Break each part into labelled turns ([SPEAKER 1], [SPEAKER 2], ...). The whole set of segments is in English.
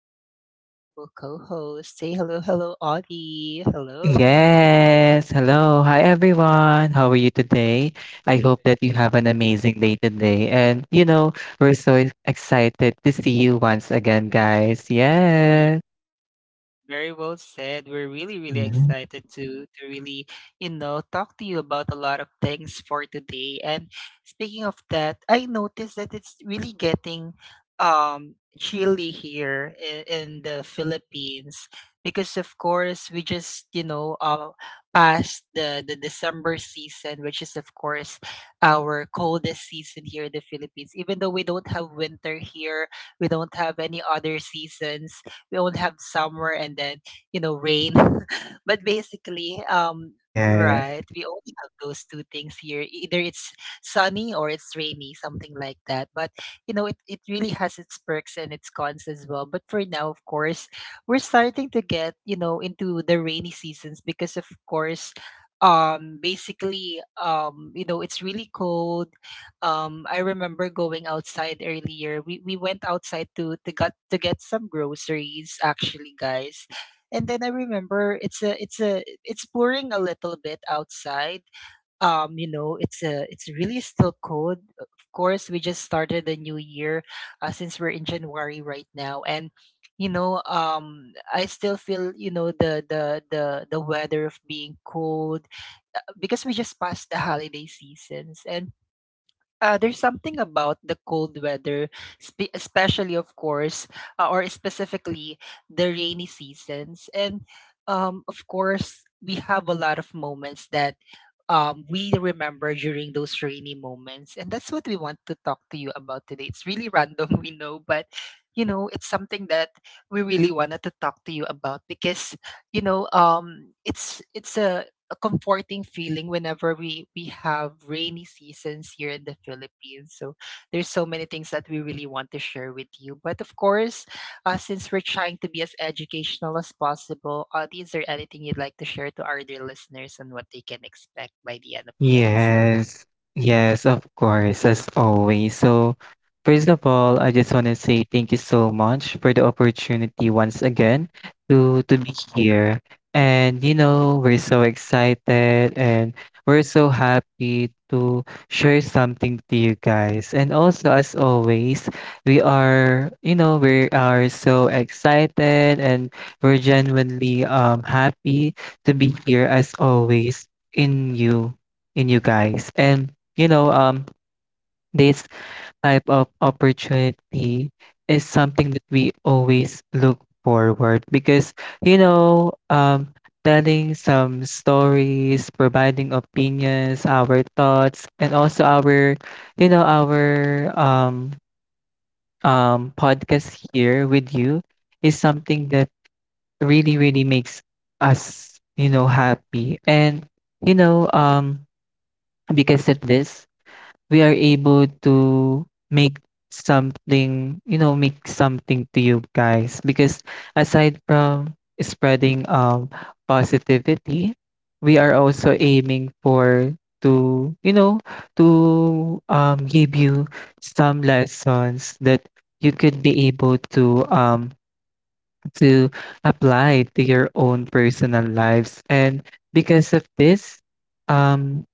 [SPEAKER 1] my beautiful, beautiful co host. Say hello, hello, Audie. Hello.
[SPEAKER 2] Yes, hello. Hi everyone. How are you today? I hope that you have an amazing day today. And you know, we're so excited to see you once again, guys. Yes.
[SPEAKER 1] Very well said. We're really, really
[SPEAKER 2] Mhm.
[SPEAKER 1] excited to really, you know, talk to you about a lot of things for today. And speaking of that, I noticed that it's really getting chilly here in the Philippines because of course we just, you know, passed the December season, which is of course our coldest season here in the Philippines. Even though we don't have winter here, we don't have any other seasons, we only have summer and then you know rain but basically
[SPEAKER 2] Yeah.
[SPEAKER 1] right, we only have those two things here, either it's sunny or it's rainy, something like that. But you know it really has its perks and its cons as well. But for now of course we're starting to get, you know, into the rainy seasons because of course basically you know it's really cold. I remember going outside earlier. We went outside to get some groceries actually, guys. And then I remember it's pouring a little bit outside. You know, it's really still cold. Of course, we just started the new year, since we're in January right now, and you know, I still feel, you know, the weather of being cold, because we just passed the holiday seasons. And there's something about the cold weather, especially, of course, or specifically the rainy seasons. And of course, we have a lot of moments that we remember during those rainy moments. And that's what we want to talk to you about today. It's really random, we know, but you know, it's something that we really wanted to talk to you about because you know, it's a a comforting feeling whenever we have rainy seasons here in the Philippines. So there's so many things that we really want to share with you. But of course, since we're trying to be as educational as possible, is there anything you'd like to share to our dear listeners and what they can expect by the end of the episode?
[SPEAKER 2] Yes, yes, of course, as always. So, first of all, I just want to say thank you so much for the opportunity once again to be here. And you know, we're so excited and we're so happy to share something to you guys. And also, as always, we are, you know, we are so excited and we're genuinely happy to be here as always in you in you guys. And you know, this type of opportunity is something that we always look forward because you know, telling some stories, providing opinions, our thoughts, and also our, you know, our podcast here with you is something that really really makes us you know happy and you know because of this we are able to make something, you know, make something to you guys. Because aside from spreading positivity, we are also aiming for to, you know, to give you some lessons that you could be able to apply to your own personal lives. And because of this, um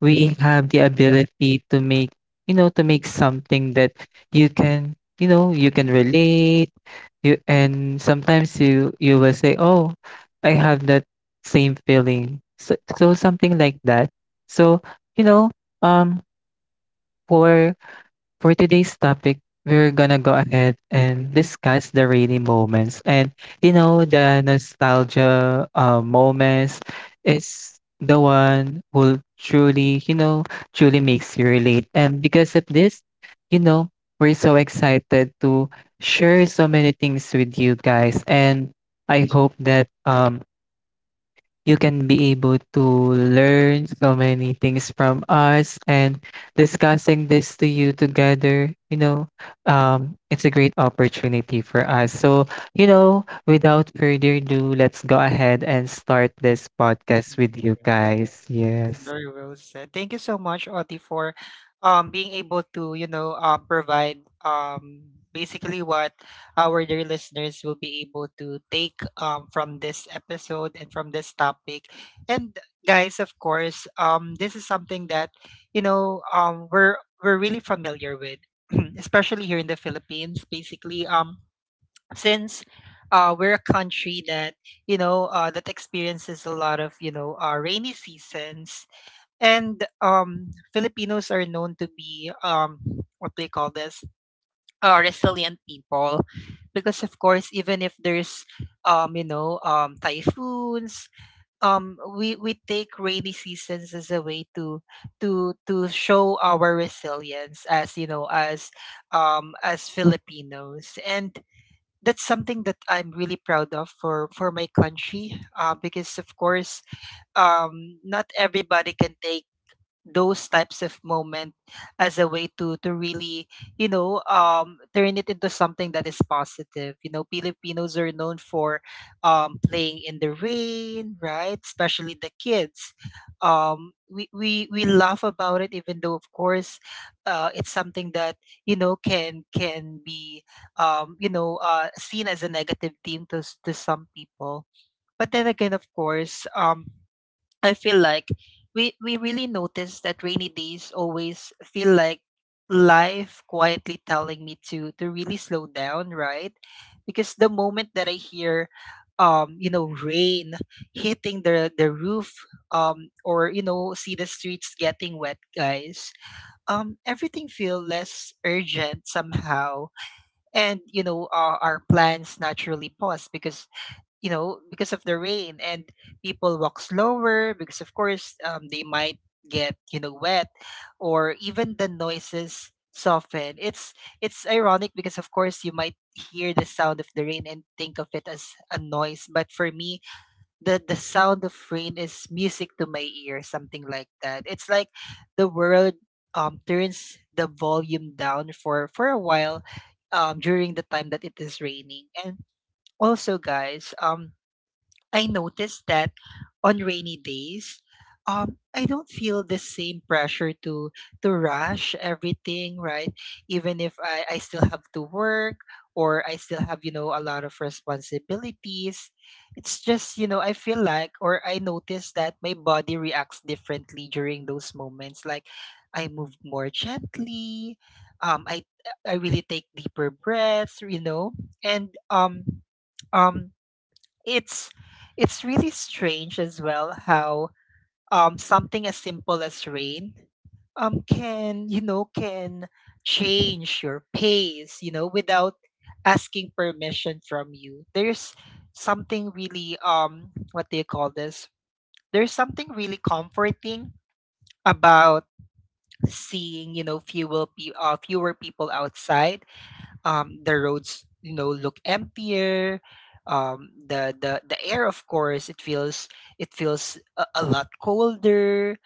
[SPEAKER 2] we have the ability to make you know to make something that you can you know you can relate you and sometimes you will say oh I have that same feeling so, so something like that so you know um for today's topic, we're gonna go ahead and discuss the rainy moments. And you know, the nostalgia moments is the one who truly, you know, truly makes you relate. And because of this, you know, we're so excited to share so many things with you guys. And I hope that you can be able to learn so many things from us and discussing this to you together you know it's a great opportunity for us so you know without further ado let's go ahead and start this podcast with you guys.
[SPEAKER 1] It's
[SPEAKER 2] yes
[SPEAKER 1] very well said. Thank you so much, Oti, for being able to, you know, provide, basically, what our dear listeners will be able to take from this episode and from this topic. And guys, of course, this is something that, you know, we're really familiar with, especially here in the Philippines. Basically, since we're a country that, you know, that experiences a lot of, you know, rainy seasons, and Filipinos are known to be, what do you call this? Resilient people, because of course, even if there's, you know, typhoons, we take rainy seasons as a way to show our resilience as, you know, as, as Filipinos, and that's something that I'm really proud of for my country, because of course, not everybody can take those types of moment as a way to really, you know, turn it into something that is positive. You know, Filipinos are known for playing in the rain, right, especially the kids. We laugh about it even though of course, it's something that you know can be, you know, seen as a negative theme to to some people. But then again of course, I feel like we really notice that rainy days always feel like life quietly telling me to really slow down, right? Because the moment that I hear, you know, rain hitting the roof, or you know, see the streets getting wet, guys. Everything feel less urgent somehow, and you know, our plans naturally pause because you know, because of the rain. And people walk slower because of course, they might get, you know, wet, or even the noises soften. It's ironic because of course you might hear the sound of the rain and think of it as a noise, but for me the sound of rain is music to my ear, something like that. It's like the world turns the volume down for a while during the time that it is raining. And also guys, I noticed that on rainy days, I don't feel the same pressure to rush everything, right? Even if I still have to work, or I still have, you know, a lot of responsibilities. It's just, you know, I feel like, or I notice that my body reacts differently during those moments. Like I move more gently, um, I I really take deeper breaths, you know, and um it's it's really strange as well how something as simple as rain can, you know, can change your pace, you know, without asking permission from you. There's something really what do you call this, there's something really comforting about seeing, you know, fewer, fewer people outside, the roads, you know, look emptier, the air, of course, it feels, it feels a lot colder,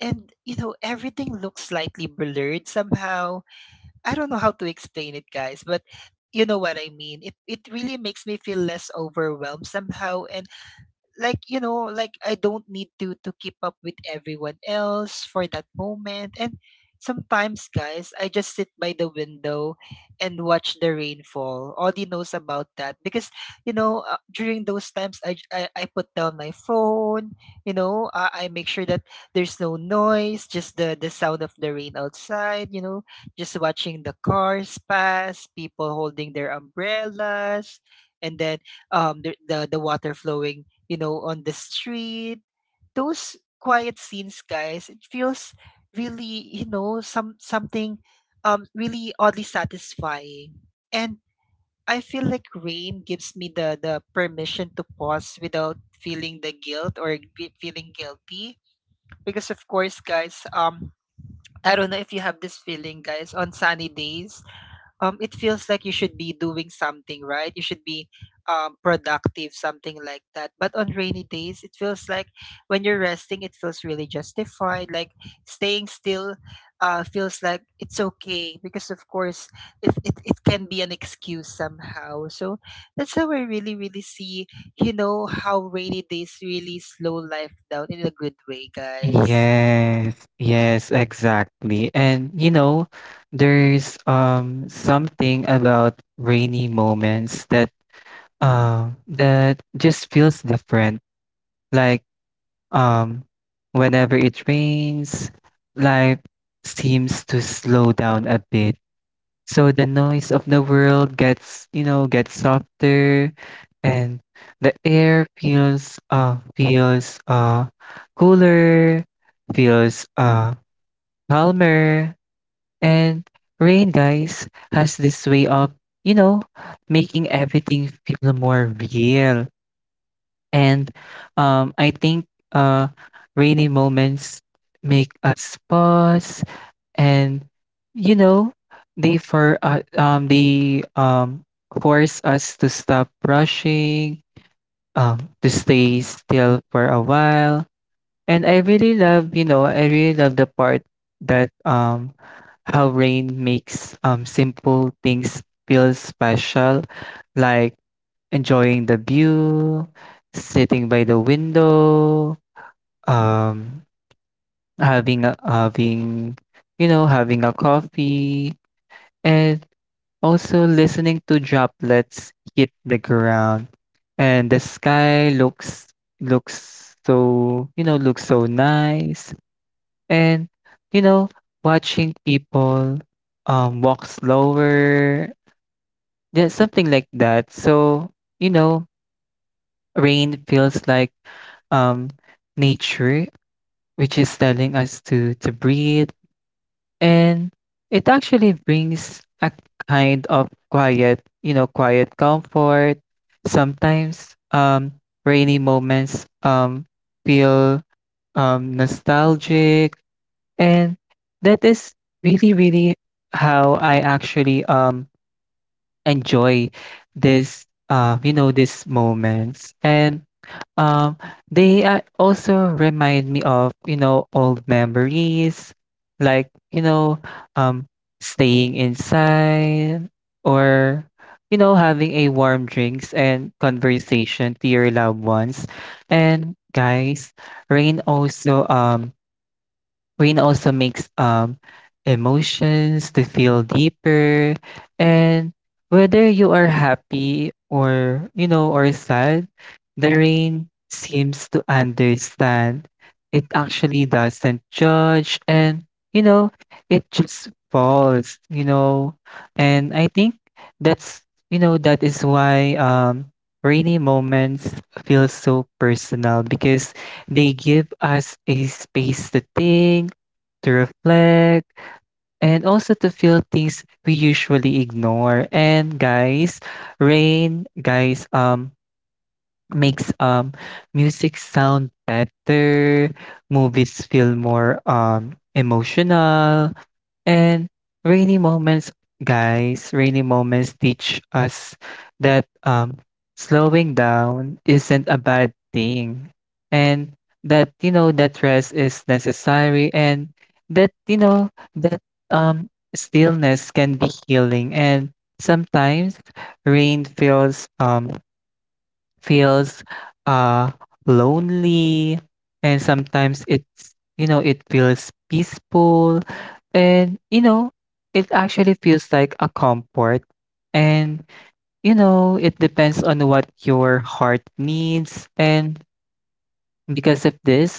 [SPEAKER 1] and you know, everything looks slightly blurred somehow. I don't know how to explain it, guys, but you know what I mean. It really makes me feel less overwhelmed somehow, and, like, you know, like I don't need to keep up with everyone else for that moment. And sometimes, guys, I just sit by the window and watch the rainfall. Audie knows about that because you know, during those times I, j- I put down my phone. You know, I make sure that there's no noise, just the sound of the rain outside. You know, just watching the cars pass, people holding their umbrellas, and then the water flowing, you know, on the street. Those quiet scenes, guys, it feels really, you know, something really oddly satisfying. And I feel like rain gives me the permission to pause without feeling the guilt, or feeling guilty, because of course, guys, I don't know if you have this feeling, guys, on sunny days, it feels like you should be doing something, right? You should be, productive, something like that. But on rainy days, it feels like when you're resting, it feels really justified. Like staying still, feels like it's okay because, of course, it can be an excuse somehow. So that's how I really, really see, you know, how rainy days really slow life down in a good way, guys.
[SPEAKER 2] yes yes, exactly. And you know, there's something about rainy moments that that just feels different, like Um, whenever it rains, life seems to slow down a bit. So the noise of the world gets, you know, gets softer and the air feels feels cooler, feels calmer, and rain guys has this way of, you know, making everything feel more real. And I think uh, rainy moments make us pause, and you know, they for they force us to stop rushing, to stay still for a while. And I really love, you know, I really love the part that how rain makes simple things feel special, like enjoying the view, sitting by the window, um, having you know having a coffee, and also listening to droplets hit the ground, and the sky looks looks so you know looks so nice, and you know watching people walk slower, yeah, something like that. So you know rain feels like um, nature, which is telling us to breathe. And it actually brings a kind of quiet, you know, quiet comfort. Sometimes rainy moments feel nostalgic. And that is really, really how I actually enjoy this, you know, these moments. And um, they also remind me of, you know, old memories, like, you know, um, staying inside or, you know, having a warm drinks and conversation to your loved ones. And guys, rain also um rain also makes emotions to feel deeper. And whether you are happy or, you know, or sad, the rain seems to understand. It actually doesn't judge. And, you know, it just falls, you know. And I think that's, you know, that is why rainy moments feel so personal because they give us a space to think, to reflect, and also to feel things we usually ignore. And guys, rain, guys, makes music sound better, movies feel more emotional, and rainy moments, rainy moments teach us that slowing down isn't a bad thing. And that, you know, that rest is necessary and that, you know, that um, stillness can be healing. And sometimes rain feels feels uh lonely and sometimes it's you know it feels peaceful and you know it actually feels like a comfort and you know it depends on what your heart needs and because of this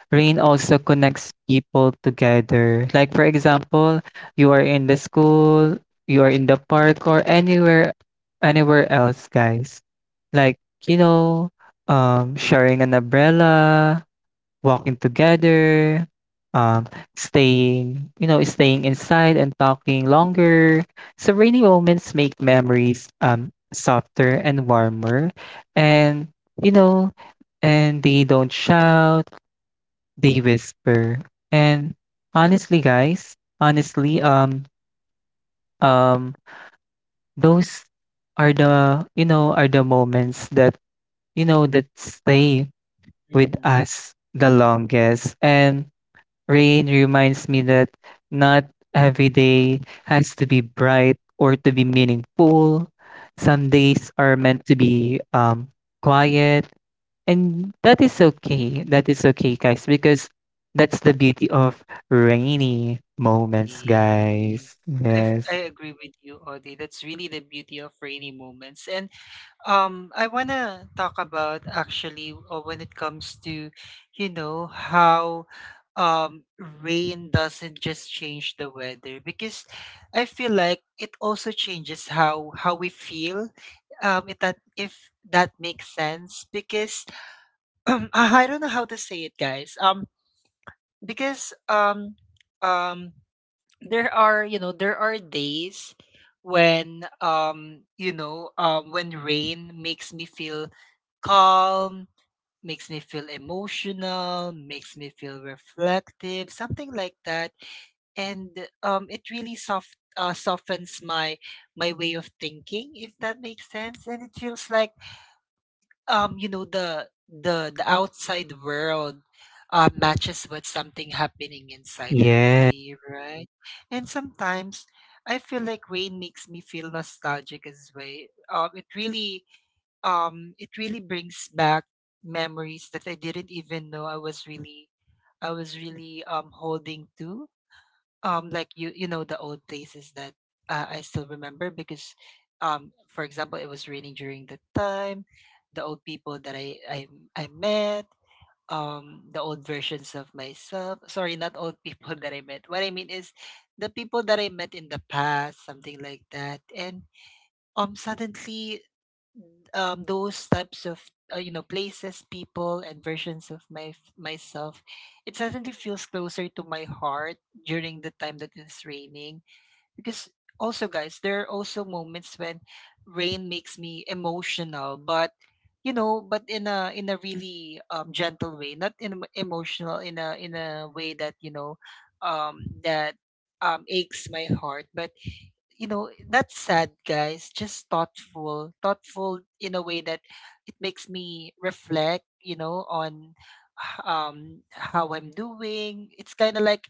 [SPEAKER 2] rain also connects people together. Like for example, you are in the school, you are in the park or anywhere else, guys. Like, you know, sharing an umbrella, walking together, um staying, you know, staying inside and talking longer. So rainy moments make memories softer and warmer and you know and they don't shout, they whisper. And honestly, um, those are the, you know, are the moments that, you know,
[SPEAKER 1] Yes.
[SPEAKER 2] that stay with us the longest. And rain reminds me that not every day has to be bright or to be meaningful. Some days are meant to be quiet. And that is okay. That is okay, guys,
[SPEAKER 1] Yes.
[SPEAKER 2] because
[SPEAKER 1] i I agree
[SPEAKER 2] that's
[SPEAKER 1] with
[SPEAKER 2] the
[SPEAKER 1] you,
[SPEAKER 2] beauty
[SPEAKER 1] Audie.
[SPEAKER 2] of
[SPEAKER 1] That's really the beauty of
[SPEAKER 2] rainy
[SPEAKER 1] rainy moments. And
[SPEAKER 2] moments,
[SPEAKER 1] I
[SPEAKER 2] guys.
[SPEAKER 1] want to talk
[SPEAKER 2] Yes.
[SPEAKER 1] about actually, when it comes to, you know, how um, rain doesn't just change the weather, because I feel like it also changes how we feel. If that makes sense, because I don't know how to say it, guys. Because um there are, you know, there are days when, you know, when rain makes me feel calm, makes me feel emotional, makes me feel reflective, something like that. And it really softens my my way of thinking, if that makes sense. And it feels like, you know, the outside world, matches with something happening inside of me, right? And sometimes I feel like rain makes me feel nostalgic as well. It really brings back memories that I didn't even know I was really holding
[SPEAKER 2] Yes.
[SPEAKER 1] to. Like you, you know, the old places that, I still remember because, for example, it was raining during the time, the old people that I met, the old versions of myself, sorry, not old people, that I met, what I mean is the people that I met in the past, something like that. And suddenly, those types of, you know, places, people, and versions of my myself, it suddenly feels closer to my heart during the time that it's raining. Because also guys, there are also moments when rain makes me emotional, but you know, but in a really gentle way, not emotional in a way that, you know, that aches my heart, but you know, not sad, guys, just thoughtful, thoughtful in a way that it makes me reflect, you know, on how I'm doing. It's kind of like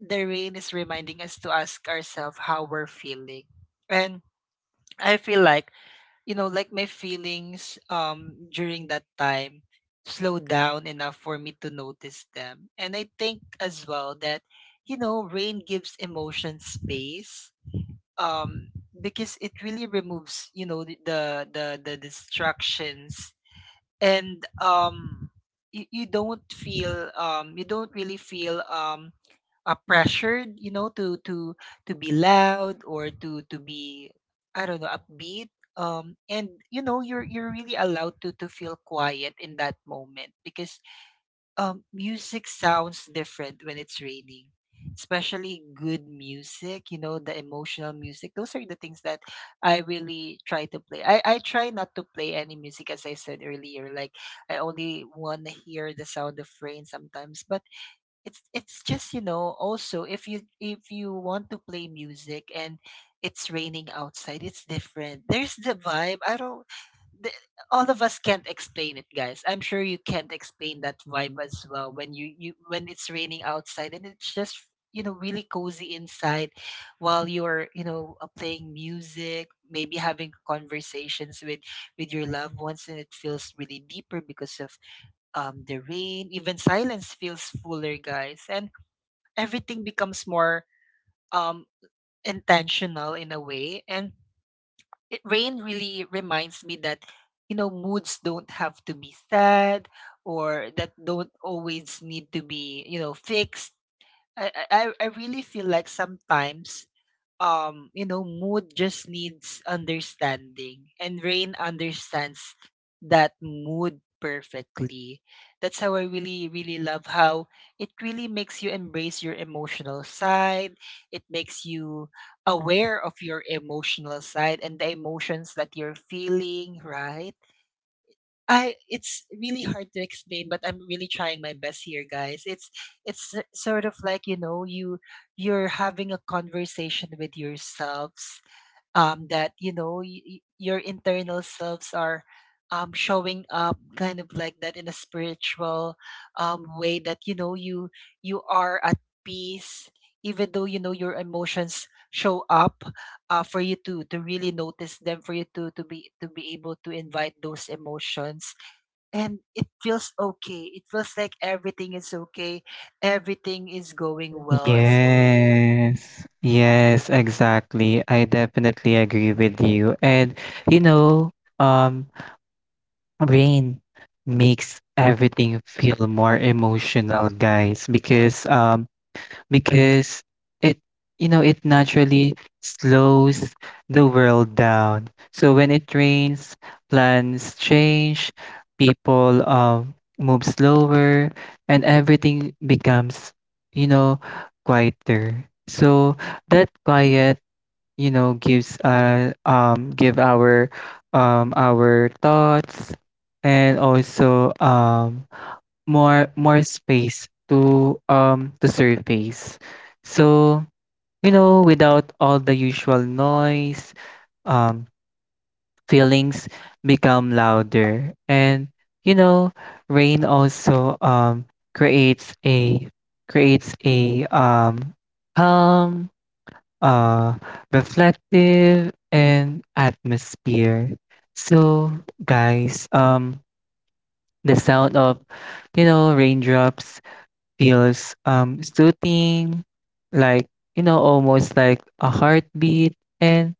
[SPEAKER 1] the rain is reminding us to ask ourselves how we're feeling. And I feel like, like my feelings during that time slow down enough for me to notice them. And I think as well that, rain gives emotion space. Um because it really removes, the distractions and you don't feel you don't really feel pressured, you know, to be loud or to be I don't know upbeat. And you know you're really allowed to feel quiet in that moment because music sounds different when it's raining, especially good music. You know, the emotional music. Those are the things that I really try to play. I try not to play any music, as I said earlier. Like, I only want to hear the sound of rain sometimes, but it's just, you know, also if you want to play music and it's raining outside, it's different. There's the vibe. I don't... the, all of us can't explain it, guys. I'm sure you can't explain that vibe as well when you when it's raining outside and it's just, you know, really cozy inside while you're, you know, playing music, maybe having conversations with your loved ones, and it feels really deeper because of the rain. Even silence feels fuller, guys, and everything becomes more um intentional in a way. And rain really reminds me that you know moods don't have to be sad, or that don't always need to be, you know, fixed. I really feel like sometimes you know mood just needs understanding, and rain understands that mood perfectly. That's how I really really love how it really makes you embrace your emotional side. It makes you aware of your emotional side and the emotions that you're feeling, right? I... it's really hard to explain, but I'm really trying my best here, guys. It's sort of like, you know, you you're having a conversation with yourselves, that you know your internal selves are, showing up kind of like that in a spiritual, way that you know you you are at peace, even though you know your emotions show up, for you to really notice them, for you to be able to invite those emotions, and it feels okay. It feels like everything is okay. Everything is going well as
[SPEAKER 2] Yes.
[SPEAKER 1] always.
[SPEAKER 2] Exactly. I definitely agree with you. And you know, um, rain makes everything feel more emotional, guys, because it you know it naturally slows the world down. So when it rains, plans change, people move slower, and everything becomes you know quieter. So that quiet you know gives give our thoughts and also more space to surface. So, you know, without all the usual noise, um feelings become louder. And you know, rain also creates a creates a um calm uh reflective and atmosphere. So, guys, the sound of you know raindrops feels soothing, like you know, almost like a heartbeat, and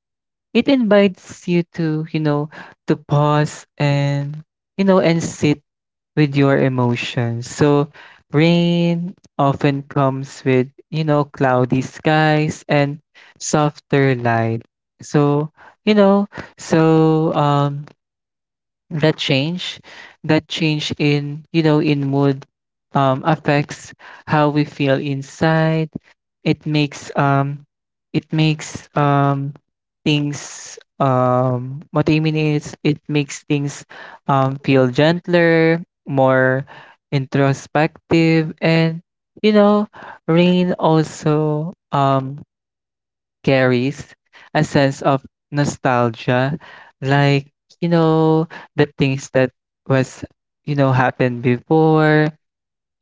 [SPEAKER 2] it invites you to, you know, to pause and you know and sit with your emotions. So rain often comes with, you know, cloudy skies and softer light. So, you know, so that change in you know in mood affects how we feel inside. It makes it makes um things what I mean is it makes things feel gentler, more introspective, and you know rain also carries a sense of nostalgia, like, you know, the things that was, you know, happened before.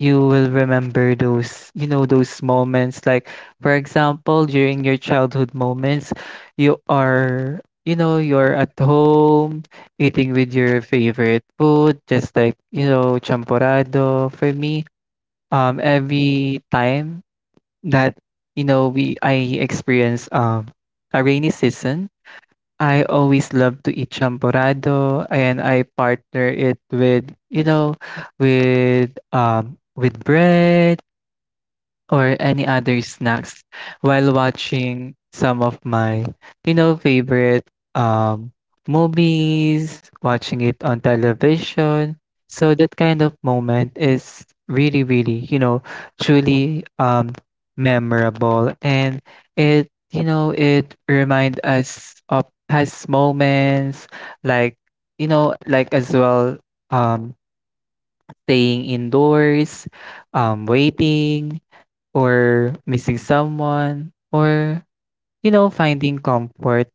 [SPEAKER 2] You will remember those, you know, those moments. Like, for example, during your childhood moments, you are, you know, you're at home eating with your favorite food, just like, you know, champorado. For me, every time that you know we I experience a rainy season, I always love to eat champorado and I partner it with you know with bread or any other snacks while watching some of my, you know, favorite um movies, watching it on television. So that kind of moment is really, really, you know, truly memorable, and it you know it remind us of past moments like you know like as well um staying indoors, waiting or missing someone or you know finding comfort.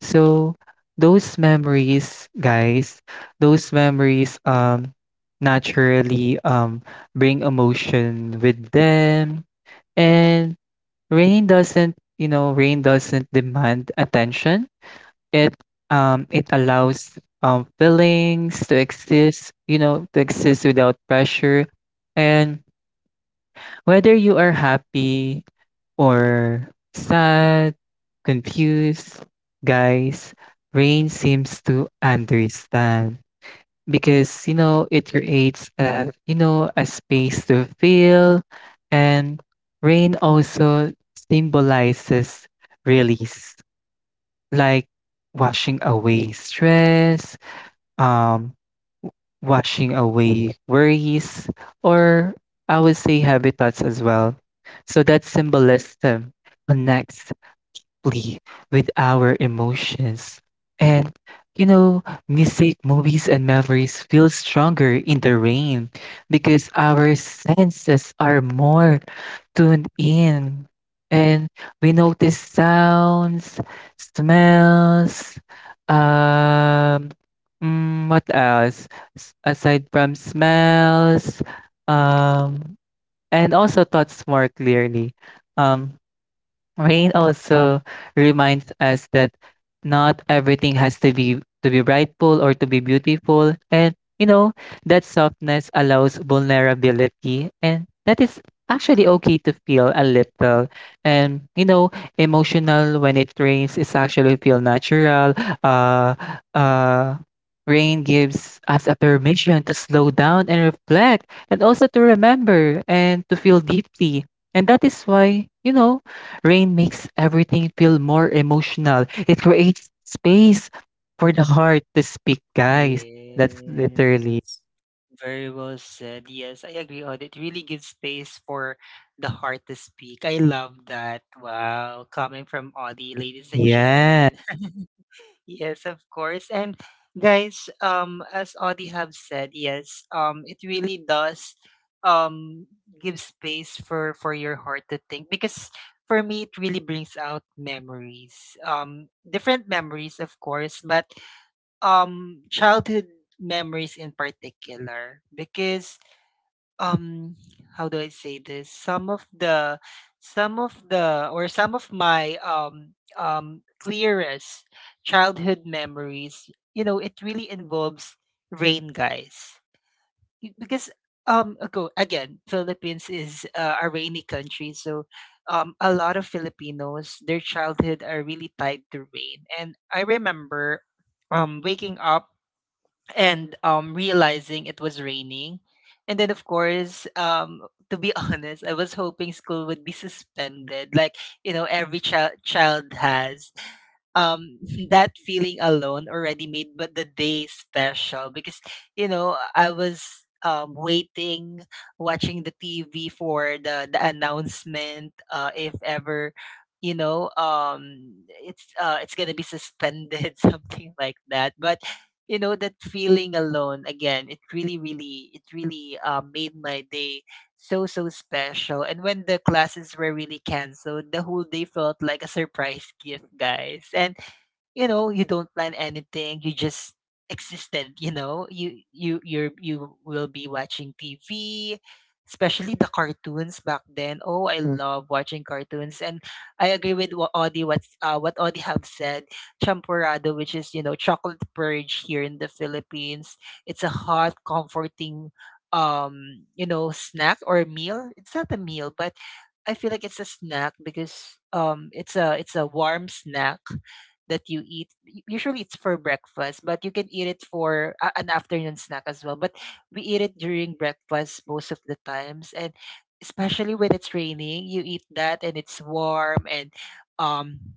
[SPEAKER 2] So those memories guys, those memories naturally bring emotion with them, and rain doesn't you know rain doesn't demand attention. It it allows feelings to exist you know to exist without pressure. And whether you are happy or sad, confused, guys, rain seems to understand because you know it creates a you know a space to feel. And rain also symbolizes release, like washing away stress, um washing away worries, or I would say habitats as well. So that symbolism connects deeply with our emotions. And you know, music, movies, and memories feel stronger in the rain because our senses are more tuned in, and we notice sounds, smells, um, what else? Aside from smells, um, and also thoughts more clearly. Um, Rain also reminds us that not everything has to be rightful or to be beautiful, and you know that softness allows vulnerability and that is actually okay to feel a little, and you know emotional when it rains is actually feel natural. uh uh Rain gives us a permission to slow down and reflect and also to remember and to feel deeply. And that is why you know rain makes everything feel more emotional. It creates space for the heart to speak, guys. That's
[SPEAKER 1] Yes.
[SPEAKER 2] literally.
[SPEAKER 1] Very well said. Yes, I agree on it. Really gives space for the heart to speak. I love that. Wow. Coming from Audie, ladies and, yeah,
[SPEAKER 2] Yeah.
[SPEAKER 1] gentlemen. Yes, of course. And guys, as Audie have said, yes, it really does um give space for your heart to think, because for me it really brings out memories. Different memories, of course, but childhood memories in particular because um, how do I say this? Some of my clearest childhood memories, you know, it really involves rain, guys. Y- Because ago again, Philippines is a rainy country, so a lot of Filipinos, their childhood are really tied to rain. And I remember waking up and realizing it was raining. And then, of course, to be honest, I was hoping school would be suspended, like, you know, every child has um that feeling alone already made but the day special, because you know I was waiting, watching the TV for the announcement, if ever you know it's gonna be suspended something like that. But you know that feeling alone again, it really really it really, made my day so so special. And when the classes were really canceled, the whole day felt like a surprise gift, guys. And you know you don't plan anything, you just existed. You know you you will be watching TV, especially the cartoons back then. Oh, I, mm, love watching cartoons. And I agree with what Audie, what Audie have said. Champurrado, which is, you know, chocolate purge here in the Philippines, it's a hot comforting you know snack or meal. It's not a meal, but I feel like it's a snack because it's a warm snack that you eat. Usually it's for breakfast, but you can eat it for an afternoon snack as well. But we eat it during breakfast most of the times, and especially when it's raining, you eat that and it's warm. And um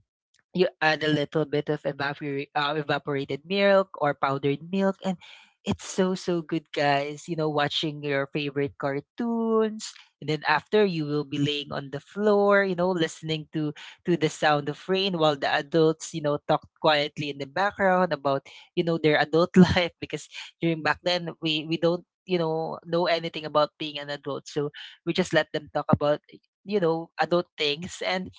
[SPEAKER 1] you add a little bit of evaporate, evaporated milk or powdered milk, and it's so so good, guys. You know, watching your favorite cartoons, and then after you will be laying on the floor, you know, listening to the sound of rain while the adults, you know, talk quietly in the background about, you know, their adult life. Because during back then, we don't you know anything about being an adult, so we just let them talk about, you know, adult things. And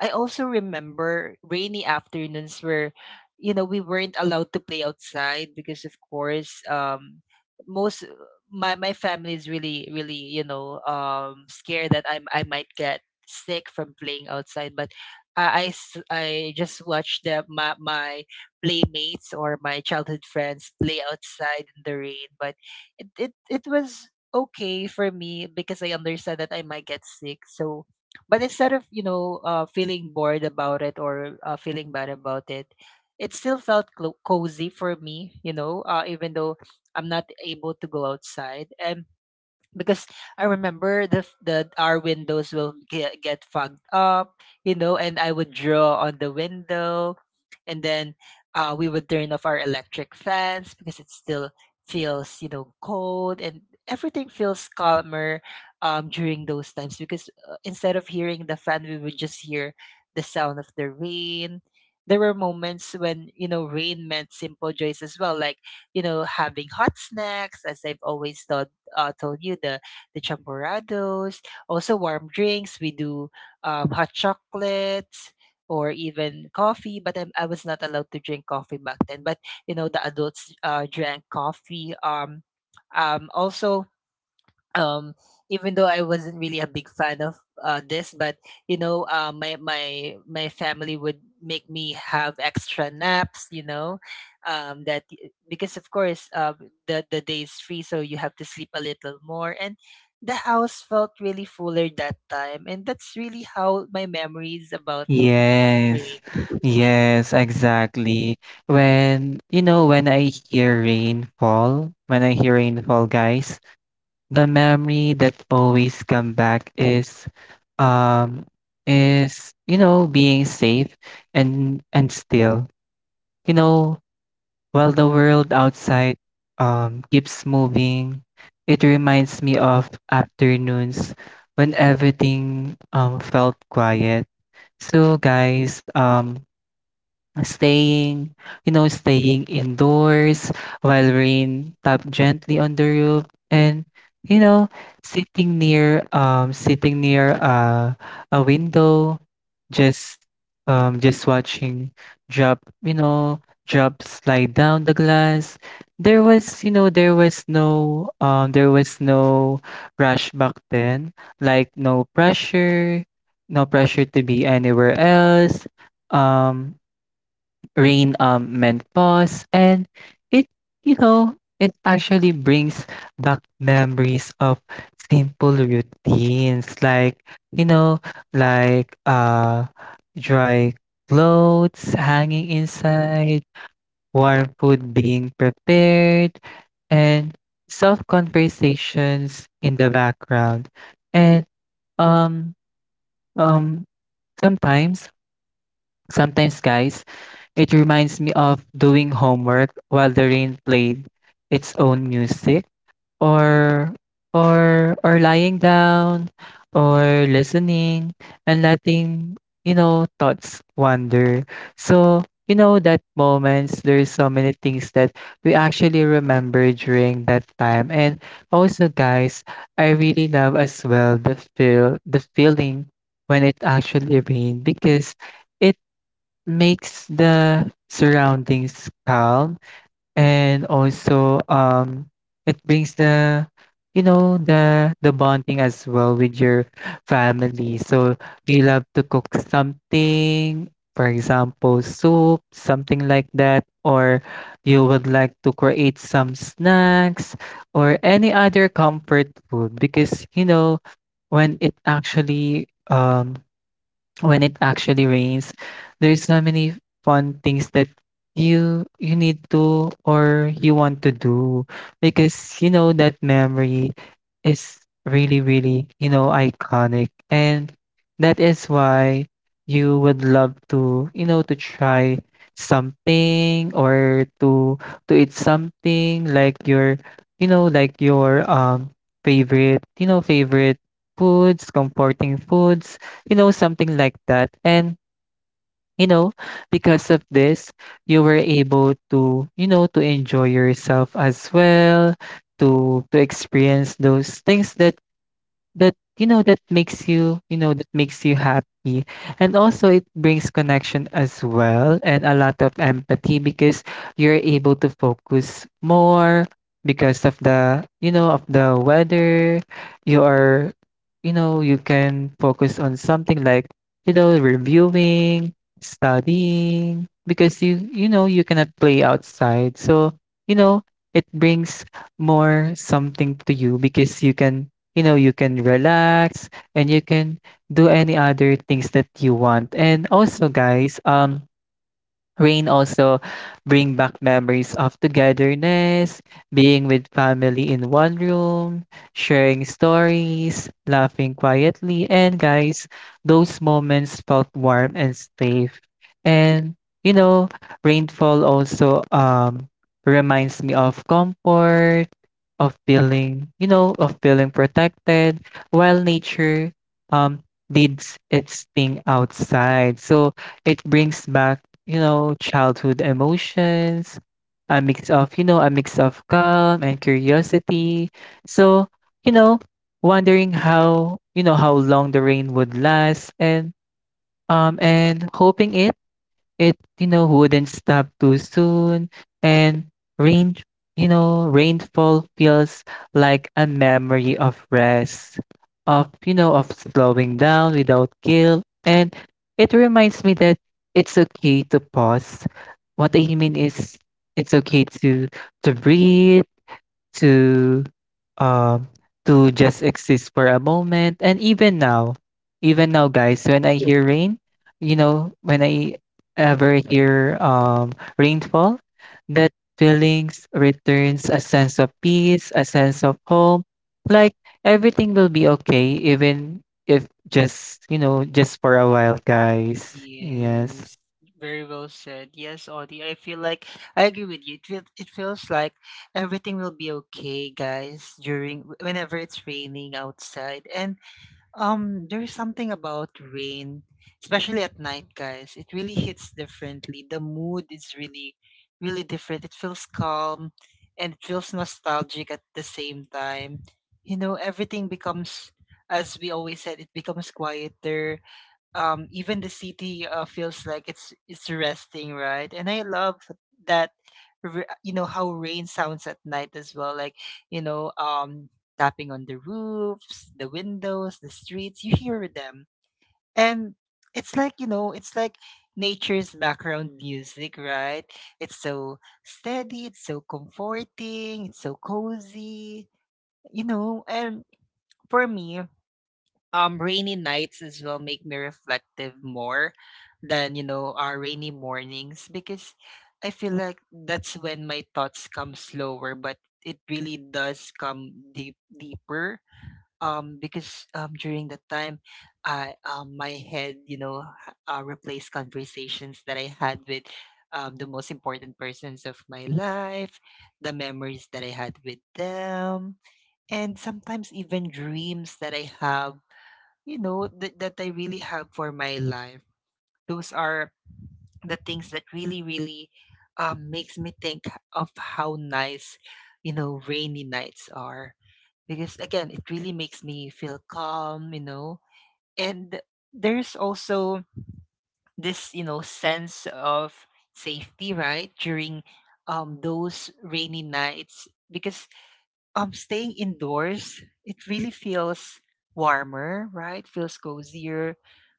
[SPEAKER 1] I also remember rainy afternoons where, you know, we weren't allowed to play outside because, of course, most my family is really really you know scared that I might get sick from playing outside. But I I just watched the, my playmates or my childhood friends play outside in the rain. But it was okay for me because I understand that I might get sick. So, but instead of, you know, feeling bored about it or feeling bad about it, it still felt cozy for me, you know, even though I'm not able to go outside. And because I remember the f- the our windows will get fogged up, you know, and I would draw on the window, and then we would turn off our electric fans because it still feels you know cold. And everything feels calmer during those times because, instead of hearing the fan, we would just hear the sound of the rain. There were moments when you know rain meant simple joys as well, like, you know, having hot snacks, as I've always done, told you the champurados, also warm drinks. We do hot chocolates or even coffee. But I was not allowed to drink coffee back then. But you know the adults, drank coffee. Also um even though I wasn't really a big fan of this, but you know, my family would make me have extra naps. You know, that because of course, the day is free, so you have to sleep a little more. And the house felt really fuller that time, and that's really how my memories about.
[SPEAKER 2] Yes.
[SPEAKER 1] Right.
[SPEAKER 2] Yes, exactly. When, you know, when I hear rainfall, guys, the memory that always come back um is you know being safe and still, you know, while the world outside keeps moving, it reminds me of afternoons when everything felt quiet. So, guys, staying, staying indoors while rain tap gently on the roof and you know, sitting near a window, just just watching drop, you know, drops slide down the glass. There was, you know, there was no rush back then, like no pressure, no pressure to be anywhere else. Um Rain meant pause, and it you know it actually brings back memories of simple routines, like you know like uh dry clothes hanging inside, warm food being prepared, and soft conversations in the background. And um um sometimes sometimes, guys, it reminds me of doing homework while the rain played its own music, or lying down or listening and letting thoughts wander. So, that moments, there's so many things that we actually remember during that time. And also, guys, I really love as well the feeling when it actually rained, because it makes the surroundings calm. And also, it brings the bonding as well with your family. So you love to cook something, for example soup, something like that, or you would like to create some snacks or any other comfort food, because you know when it actually rains, there's so many fun things that you need to or you want to do, because you know that memory is really really, you know, iconic. And that is why you would love to, you know, to try something or to eat something like your, you know, like your favorite, favorite foods, comforting foods, you know, something like that. And, you know, because of this, you were able to, you know, to enjoy yourself as well, to experience those things that you know that makes you, you know, that makes you happy. And also it brings connection as well, and a lot of empathy, because you're able to focus more because of the, you know, of the weather. You are, you know, you can focus on something like, you know, reviewing, studying, because you know you cannot play outside. So, you know, it brings more something to you, because you can, you know, you can relax and you can do any other things that you want. And also, guys, rain also bring back memories of togetherness, being with family in one room, sharing stories, laughing quietly, and guys, those moments felt warm and safe. And you know, rainfall also reminds me of comfort, of feeling, you know, of feeling protected, while nature um did its thing outside. So it brings back, you know, childhood emotions, a mix of, you know, a mix of calm and curiosity. So, you know, wondering how, you know, how long the rain would last, and hoping it you know, wouldn't stop too soon. And rain, you know, rainfall feels like a memory of rest, of, you know, of slowing down without guilt, and it reminds me that it's okay to pause. What I mean is, it's okay to breathe, to um to just exist for a moment. And even now, even now, guys, when I hear rain, you know, when I ever hear rainfall, that feelings returns, a sense of peace, a sense of home, like everything will be okay, even if just, you know, just for a while, guys. Yes.
[SPEAKER 1] Yes, very well said. Yes, Audie, I feel like I agree with you. It feel, it feels like everything will be okay, guys, during whenever it's raining outside. And there's something about rain, especially at night, guys. It really hits differently. The mood is really really different. It feels calm and it feels nostalgic at the same time. You know, everything becomes, as we always said, it becomes quieter. Even the city, feels like it's resting, right? And I love that. You know how rain sounds at night as well, like, you know, tapping on the roofs, the windows, the streets, you hear them. And it's like, you know, it's like nature's background music, right? It's so steady, it's so comforting, it's so cozy, you know. And for me, rainy nights as well make me reflective more than, you know, our rainy mornings, because I feel like that's when my thoughts come slower, but it really does come deeper. Because during the time I, my head, you know, replaced conversations that I had with, the most important persons of my life, the memories that I had with them, and sometimes even dreams that I have, you know, that I really have for my life. Those are the things that really really, makes me think of how nice, you know, rainy nights are, because again it really makes me feel calm, you know. And there's also this, you know, sense of safety, right, during those rainy nights, because staying indoors, it really feels warmer, right? Feels cozier,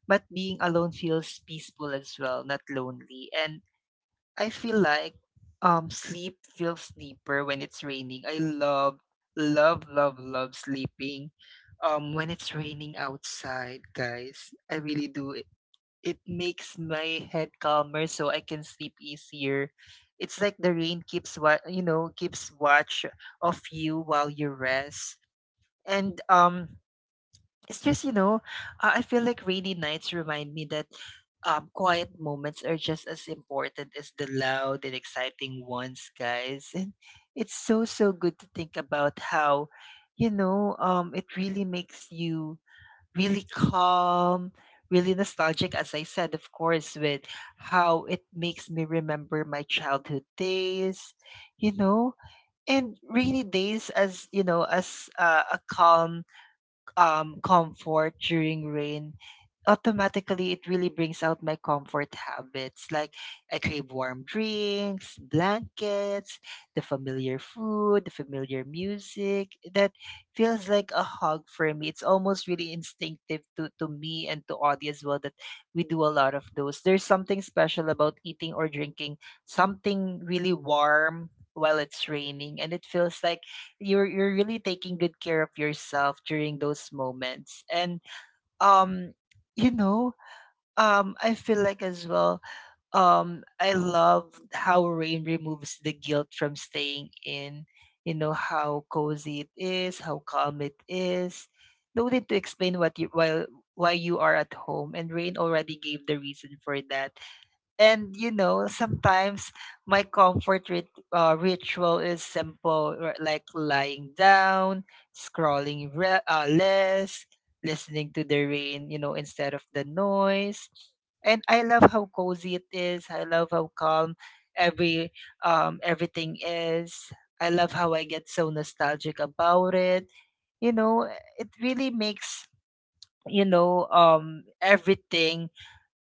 [SPEAKER 1] but being alone feels peaceful as well, not lonely. And I feel like, sleep feels deeper when it's raining. I love, love, love, love sleeping, when it's raining outside, guys. I really do. It makes my head calmer so I can sleep easier. It's like the rain keeps keeps watch of you while you rest. And it's just I feel like rainy nights remind me that quiet moments are just as important as the loud and exciting ones, guys. And it's so good to think about how it really makes you really calm, really nostalgic, as I said, of course, with how it makes me remember my childhood days, you know, and rainy days as, as a calm comfort during rain. Automatically it really brings out my comfort habits like I crave warm drinks, blankets, the familiar food, the familiar music that feels like a hug for me. It's almost really instinctive to me and to Audie as well that we do a lot of those. There's something special about eating or drinking something really warm while it's raining, and it feels like you're really taking good care of yourself during those moments. And um you know I feel like as well, I love how rain removes the guilt from staying in. You know how cozy it is, how calm it is. No need to explain what you why you are at home, and rain already gave the reason for that. And you know, sometimes my comfort ritual is simple, like lying down, scrolling less, listening to the rain, you know, instead of the noise. And I love how cozy it is, I love how calm every everything is. I love how I get so nostalgic about it, you know. It really makes, everything,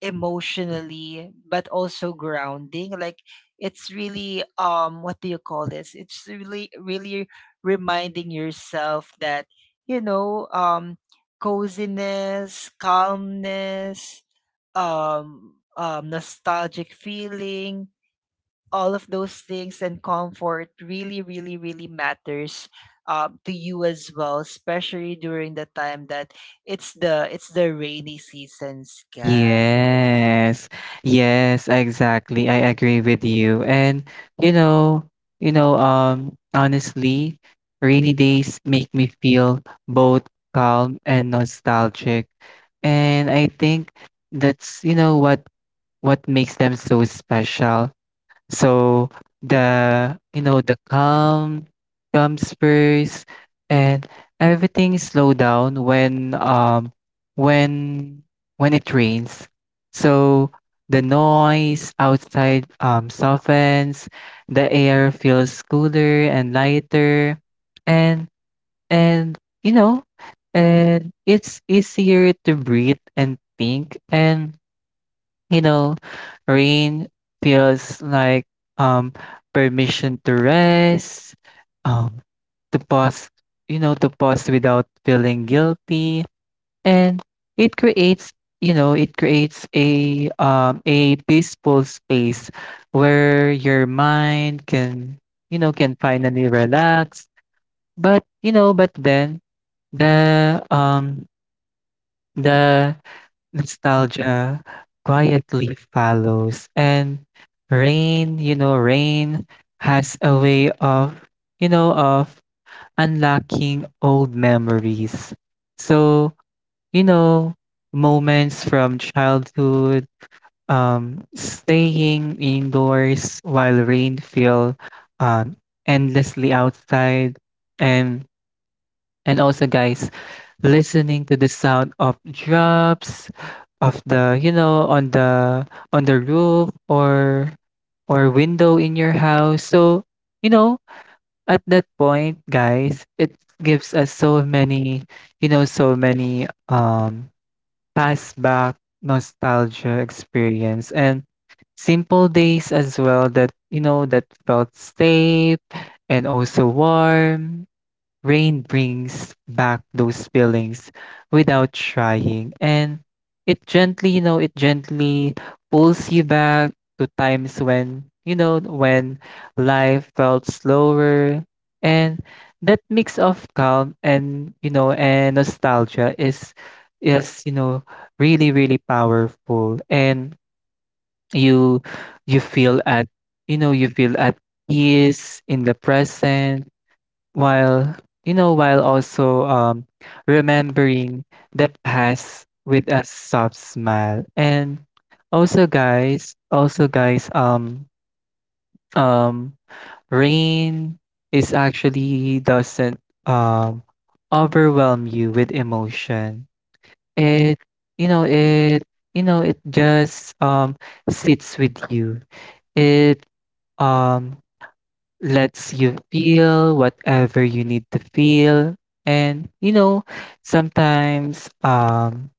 [SPEAKER 1] emotionally but also grounding. Like it's really, what do you call this, it's really really reminding yourself that you know um coziness, calmness, nostalgic feeling, all of those things, and comfort really really really matters to you as well, especially during the time that it's the rainy seasons, guys.
[SPEAKER 2] Yes. Yes, exactly. I agree with you. And you know, honestly, rainy days make me feel both calm and nostalgic. And I think that's, you know, what makes them so special. So the, you know, the calm comes first, and everything slow down when when it rains. So the noise outside softens, the air feels cooler and lighter, and and you know, and it's easier to breathe and think. And you know, rain feels like um permission to rest, um to pause, you know, to pause without feeling guilty. And it creates, you know, it creates a peaceful space where your mind can, you know, can finally relax. But, you know, but then the um the nostalgia quietly follows. And rain, you know, rain has a way of, you know, of unlocking old memories. So, you know, moments from childhood, staying indoors while rain feel um, endlessly outside. And also guys, listening to the sound of drops of the, you know, on the roof or window in your house. So, you know, at that point, guys, it gives us so many, you know, so many pass back nostalgia experience, and simple days as well that, you know, that felt safe and also warm. Rain brings back those feelings without trying. And it gently, you know, it gently pulls you back to times when, you know, when life felt slower. And that mix of calm and, you know, and nostalgia is, you know, really, really powerful. And you, you feel at, you know, you feel at peace in the present, while, you know, while also remembering the past with a soft smile. And also guys, um rain is actually doesn't um overwhelm you with emotion. It, it you know it just sits with you. It um lets you feel whatever you need to feel. And you know, sometimes,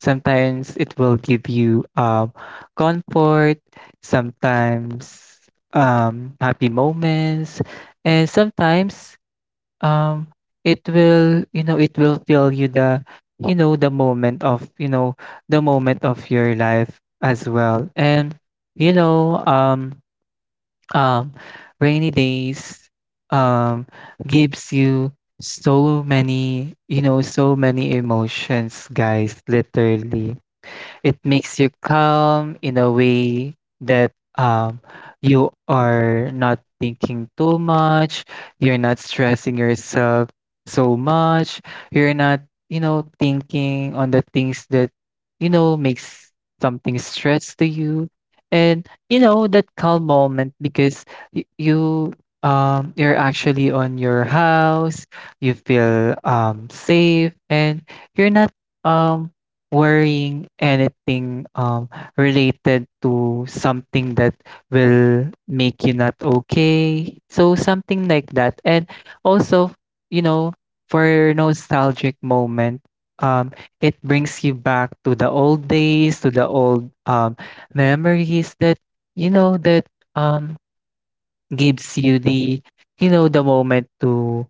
[SPEAKER 2] sometimes it will give you comfort, sometimes happy moments, and sometimes um it will, you know, it will fill you the, you know, the moment of, you know, the moment of your life as well. And you know, um, rainy days um, gives you so many, you know, so many emotions, guys, literally. It makes you calm in a way that, you are not thinking too much, you're not stressing yourself so much, you're not, you know, thinking on the things that, you know, makes something stress to you. And you know that calm moment, because you, you're actually on your house, you feel safe, and you're not um worrying anything related to something that will make you not okay. So something like that. And also, you know, for nostalgic moment, um, it brings you back to the old days, to the old memories that, you know, that um, gives you the, you know, the moment to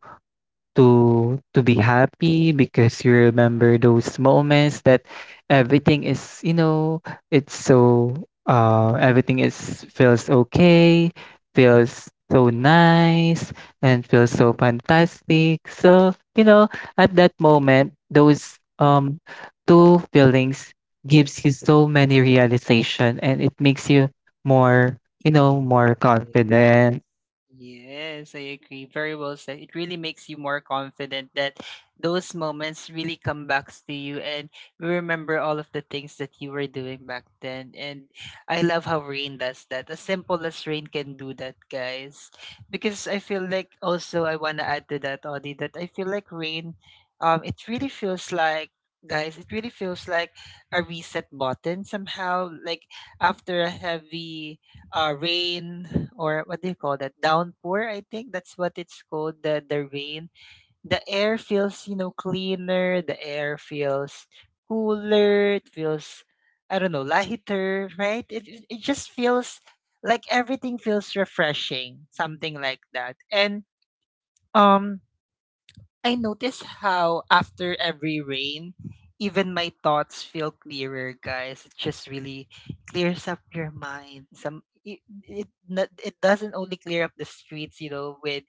[SPEAKER 2] to be happy, because you remember those moments that everything is, you know, it's so everything is feels okay, feels so nice, and feels so fantastic. So you know, at that moment those two feelings gives you so many realization, and it makes you more, you know, more
[SPEAKER 1] Yes.
[SPEAKER 2] confident.
[SPEAKER 1] Yes, I agree. Very well said. It really makes you more confident that those moments really come back to you, and you remember all of the things that you were doing back then. And I love how rain does that. As simple as rain can do that, guys. Because I feel like also I wanna add to that, Audie, that I feel like rain, it really feels like, guys, it really feels like a reset button somehow. Like after a heavy rain, or what do you call that, downpour, I think that's what it's called, the rain the air feels, you know, cleaner. The air feels cooler, it feels, I don't know, lighter, right? It just feels like everything feels refreshing, something like that. And um I notice how after every rain, even my thoughts feel clearer, guys. It just really clears up your mind. Some it, it not- It doesn't only clear up the streets, you know, with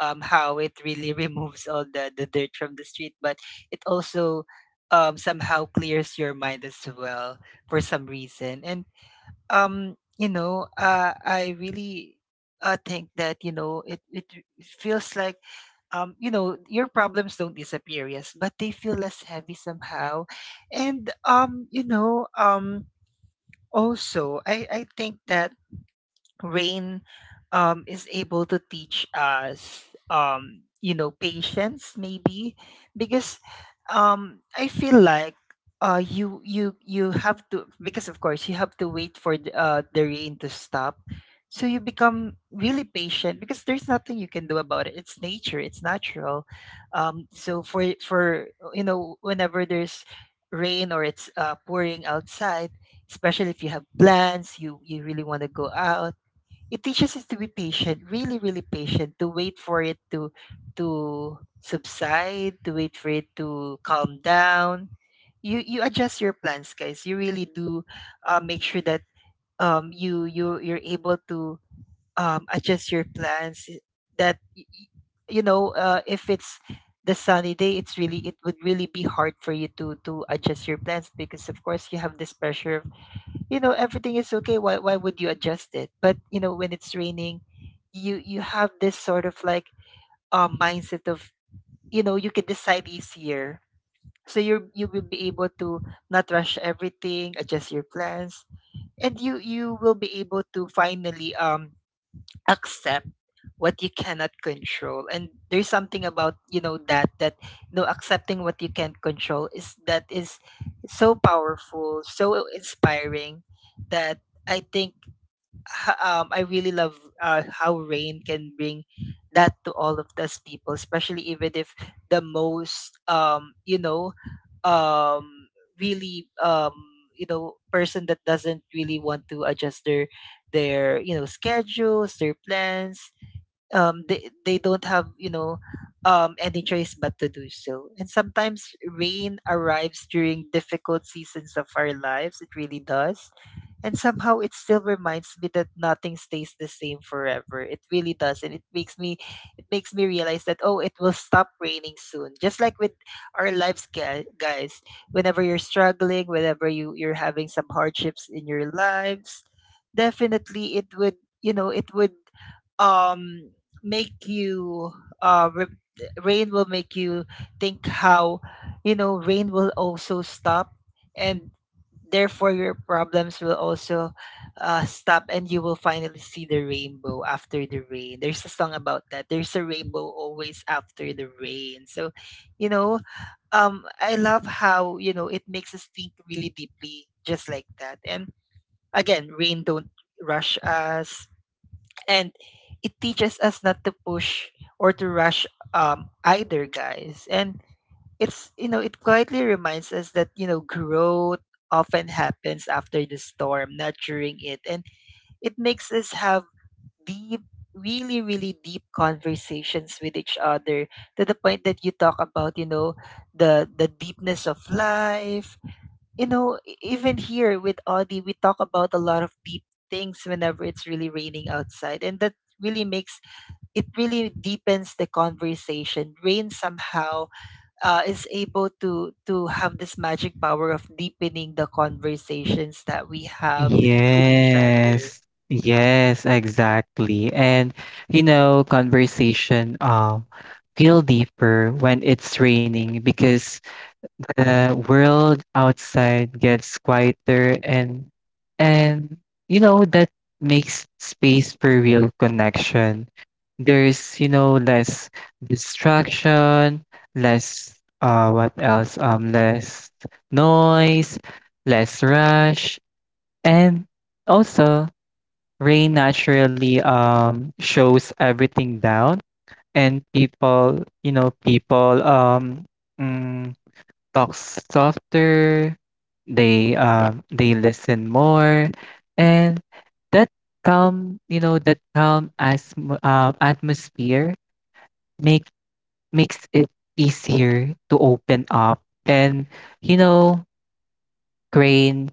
[SPEAKER 1] how it really removes all the dirt from the street, but it also somehow clears your mind as well for some reason. And I really think that you know it feels like, you know, your problems don't disappear, yes, but they feel less heavy somehow. And also I think that rain, is able to teach us, you know, patience maybe, because I feel like, you have to, because of course you have to wait for the rain to stop, so you become really patient because there's nothing you can do about it. It's nature, it's natural. Um, so for for you know, whenever there's rain, or it's pouring outside, especially if you have plans, you really want to go out. It teaches us to be patient, really, really patient, to wait for it to subside, to wait for it to calm down. You adjust your plans, guys. You really do, make sure that you're able to adjust your plans. That y- y- you know, if it's the sunny day, it's really, it would really be hard for you to adjust your plans, because of course you have this pressure of, you know, everything is okay, why would you adjust it. But you know, when it's raining, you have this sort of like mindset of, you know, you can decide easier, so you will be able to not rush everything, adjust your plans, and you will be able to finally accept what you cannot control. And there's something about, you know that that no, accepting what you can't control, is that, is so powerful, so inspiring, that I think, I really love how rain can bring that to all of us people, especially, even if the most um, really um, you know, person that doesn't really want to adjust their, their schedules, their plans, they don't have, you know, any choice but to do so. And sometimes rain arrives during difficult seasons of our lives, it really does. And somehow it still reminds me that nothing stays the same forever. It really does, and it makes me, it makes me realize that, oh, it will stop raining soon, just like with our lives, guys. Whenever you're struggling, whenever you you're having some hardships in your lives, definitely it would, you know it would um make you, uh re- rain will make you think how, you know, rain will also stop, and therefore your problems will also, stop, and you will finally see the rainbow after the rain. There's a song about that, there's a rainbow always after the rain. So you know, I love how, you know, it makes us think really deeply just like that. And again, rain don't rush us, and it teaches us not to push or to rush, either, guys. And it's, you know, it quietly reminds us that, you know, growth often happens after the storm, not during it. And it makes us have deep, really really deep conversations with each other, to the point that you talk about, you know, the deepness of life. You know, even here with Audie, we talk about a lot of deep things whenever it's really raining outside, and that really makes, it really deepens the conversation. Rain somehow, is able to have this magic power of deepening the conversations that we have with each other.
[SPEAKER 2] Yes. Yes, exactly. And you know, conversation feel deeper when it's raining, because the world outside gets quieter and and you know that makes space for real connection. There's, you know, less distraction, less what else? Less noise, less rush. And also, rain naturally shows everything down, and people, you know, people mm, talk softer, they listen more. And that calm, you know, that calm as atmosphere make makes it easier to open up. And you know, rain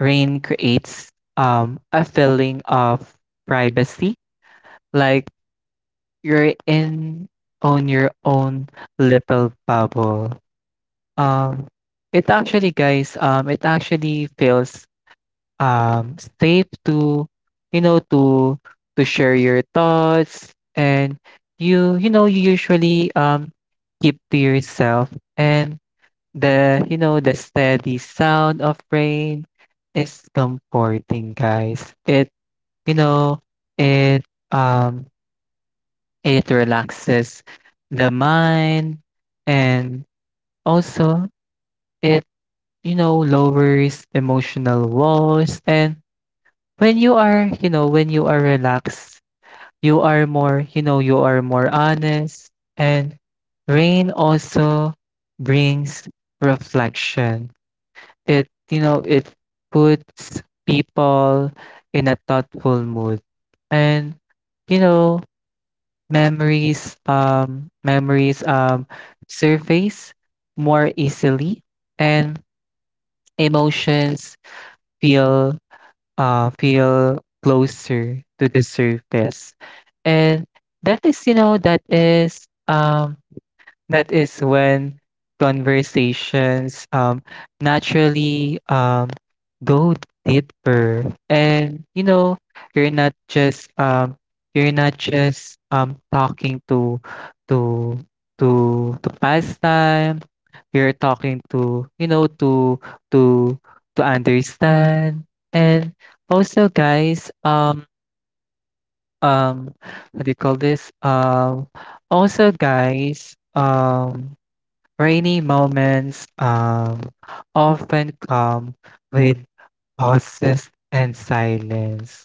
[SPEAKER 2] rain creates a feeling of privacy, like you're in on your own little bubble. Um, it actually, guys, it actually feels safe to, you know, to share your thoughts, and you know you usually keep to yourself. And the, you know, the steady sound of rain is comforting, guys. It, you know, it um it relaxes the mind. And also it, you know, lowers emotional walls. And when you are, you know, when you are relaxed, you are more, you know, you are more honest. And rain also brings reflection. It, you know, it puts people in a thoughtful mood. And, you know, memories, surface more easily, and emotions feel, feel closer to the surface. And that is, you know, that is when conversations naturally go deeper. And you know, you're not just talking to to to pass time. You're talking to, you know, to to to understand. And also guys, um what do you call this, also guys rainy moments often come with pauses and silence.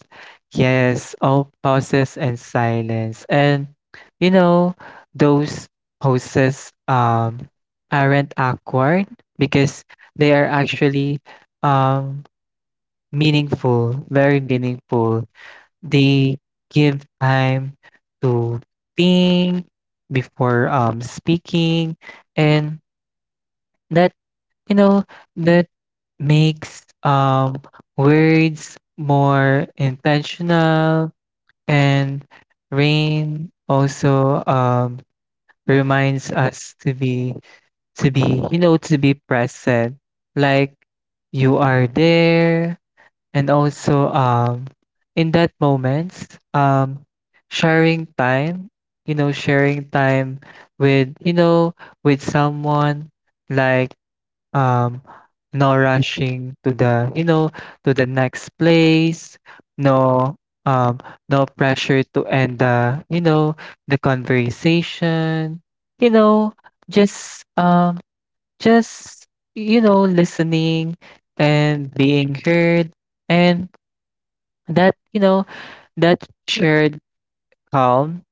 [SPEAKER 2] Yes, all pauses and silence. And you know, those pauses aren't awkward, because they are actually um, meaningful, very meaningful. They give time to think before speaking, and that, you know, that makes words more intentional. And rain also reminds us to be you know to be present, like you are there. And also in that moments, um sharing time, you know, sharing time with, you know, with someone, like, um no rushing to the, you know, to the next place, no um no pressure to end the, you know, the conversation, you know, just just you know listening and being heard. And that, you know, that shared calm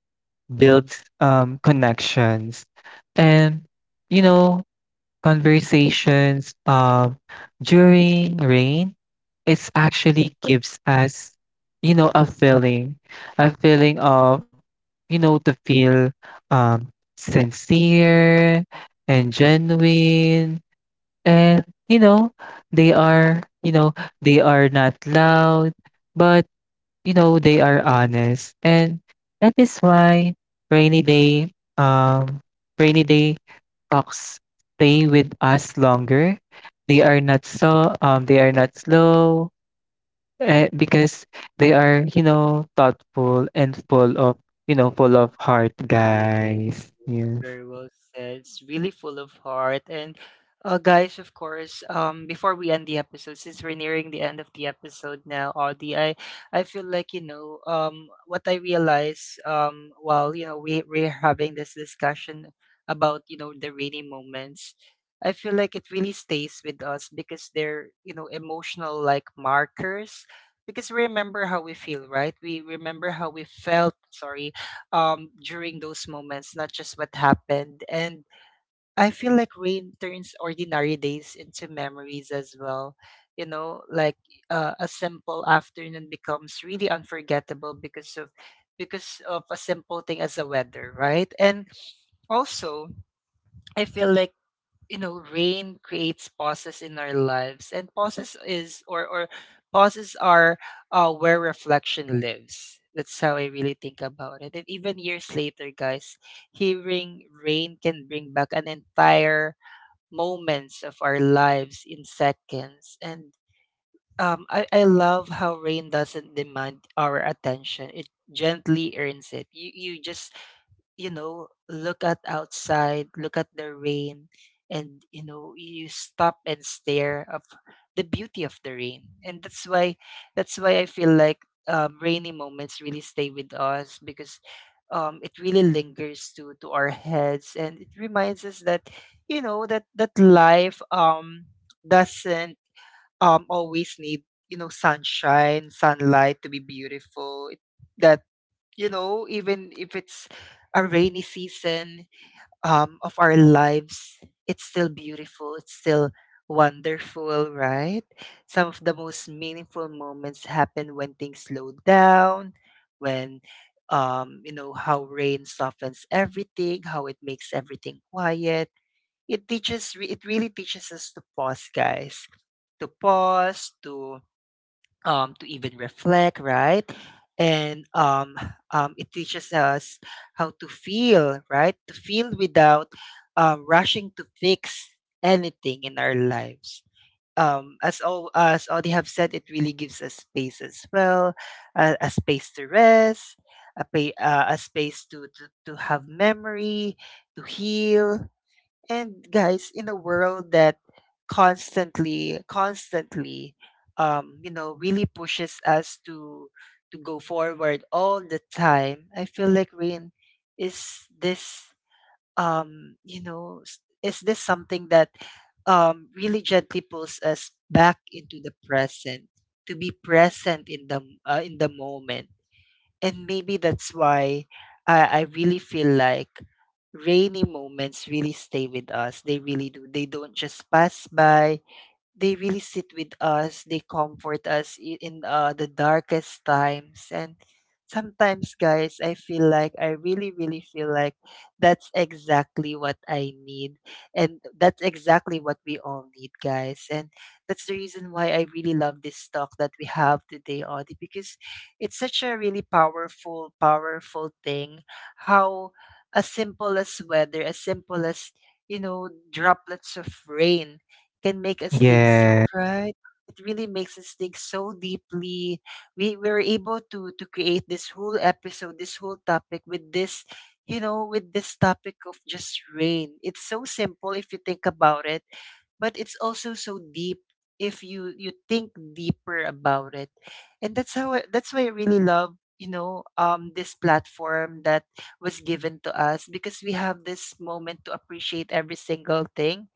[SPEAKER 2] builds connections. And you know, conversations during rain, it's actually gives us, you know, a feeling of, you know, to feel um, sincere and genuine. And, you know, they are, you know, they are not loud, but you know, they are honest. And that is why rainy day, um, rainy day talks stay with us longer. They are not so, they are not slow, because they are, you know, thoughtful and full of, you know, full of heart,
[SPEAKER 1] Yes,
[SPEAKER 2] guys. Yes.
[SPEAKER 1] very well said. It's really full of heart. And guys, of course, before we end the episode, since we're nearing the end of the episode now, Audie, I feel like, you know, what I realize, while, you know, we're having this discussion about, you know, the rainy moments, I feel like it really stays with us because they're, you know, emotional, like markers. Because we remember how we feel, right? We remember how we felt, sorry, during those moments, not just what happened. And I feel like rain turns ordinary days into memories as well. You know, like, a simple afternoon becomes really unforgettable because of, because of a simple thing as the weather, right? And also, I feel like, you know, rain creates pauses in our lives, and pauses is or pauses are, where reflection lives. That's how I really think about it. And even years later, guys, hearing rain can bring back an entire moments of our lives in seconds. And I love how rain doesn't demand our attention, it gently earns it. You just, you know, look at outside, look at the rain, and you know, you stop and stare of the beauty of the rain. And that's why, that's why I feel like, rainy moments really stay with us, because it really lingers to our heads, and it reminds us that, you know that that life, doesn't, always need, you know, sunshine, sunlight, to be beautiful. It- that You know, even if it's a rainy season, of our lives, it's still beautiful. It's still wonderful, right? Some of the most meaningful moments happen when things slow down, when, you know, how rain softens everything, how it makes everything quiet. It teaches, it really teaches us to pause, guys, to pause, to even reflect, right? And it teaches us how to feel, right? To feel without, rushing to fix anything in our lives. As all, as all they have said, it really gives us space as well, a space to rest, a, a space to, to have memory, to heal. And guys, in a world that constantly, constantly, you know, really pushes us to go forward all the time, I feel like rain is this, you know, is this something that, really gently pulls us back into the present, to be present in the in the moment. And maybe that's why I really feel like rainy moments really stay with us. They really do. They don't just pass by, they really sit with us, they comfort us in, the darkest times. And sometimes, guys, I feel like I really really feel like that's exactly what I need, and that's exactly what we all need, guys. And that's the reason why I really love this talk that we have today, Audie, because it's such a really powerful, powerful thing, how, as simple as weather, as simple as, you know, droplets of rain, can make us think, so
[SPEAKER 2] Yes.
[SPEAKER 1] right, it really makes us think so deeply. We were able to create this whole episode, this whole topic, with this, you know, with this topic of just rain. It's so simple if you think about it, but it's also so deep if you you think deeper about it. And that's how that's why I really love, you know, this platform that was given to us, because we have this moment to appreciate every single thing,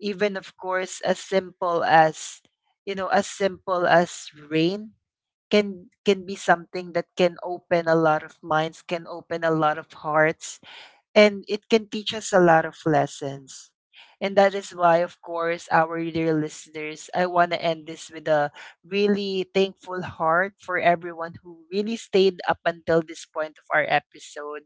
[SPEAKER 1] even, of course, as simple as, you know, as simple as rain, can be something that can open a lot of minds, can open a lot of hearts, and it can teach us a lot of lessons. And that is why, of course, our dear listeners, I want to end this with a really thankful heart for everyone who really stayed up until this point of our episode.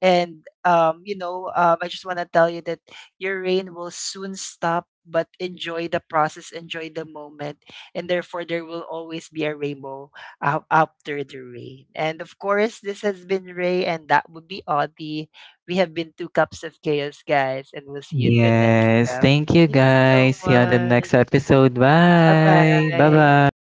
[SPEAKER 1] And I just want to tell you that your rain will soon stop, but enjoy the process, enjoy the moment, and therefore there will always be a rainbow, after the rain. And of course, this has been Ray, and that would be Audie. We have been two cups of chaos, guys, and we'll see you in the next
[SPEAKER 2] Yes.
[SPEAKER 1] cup.
[SPEAKER 2] Thank you,
[SPEAKER 1] Thank you so
[SPEAKER 2] guys. See you on the next
[SPEAKER 1] much.
[SPEAKER 2] episode.
[SPEAKER 1] Bye
[SPEAKER 2] Bye. Bye
[SPEAKER 1] bye.
[SPEAKER 2] bye.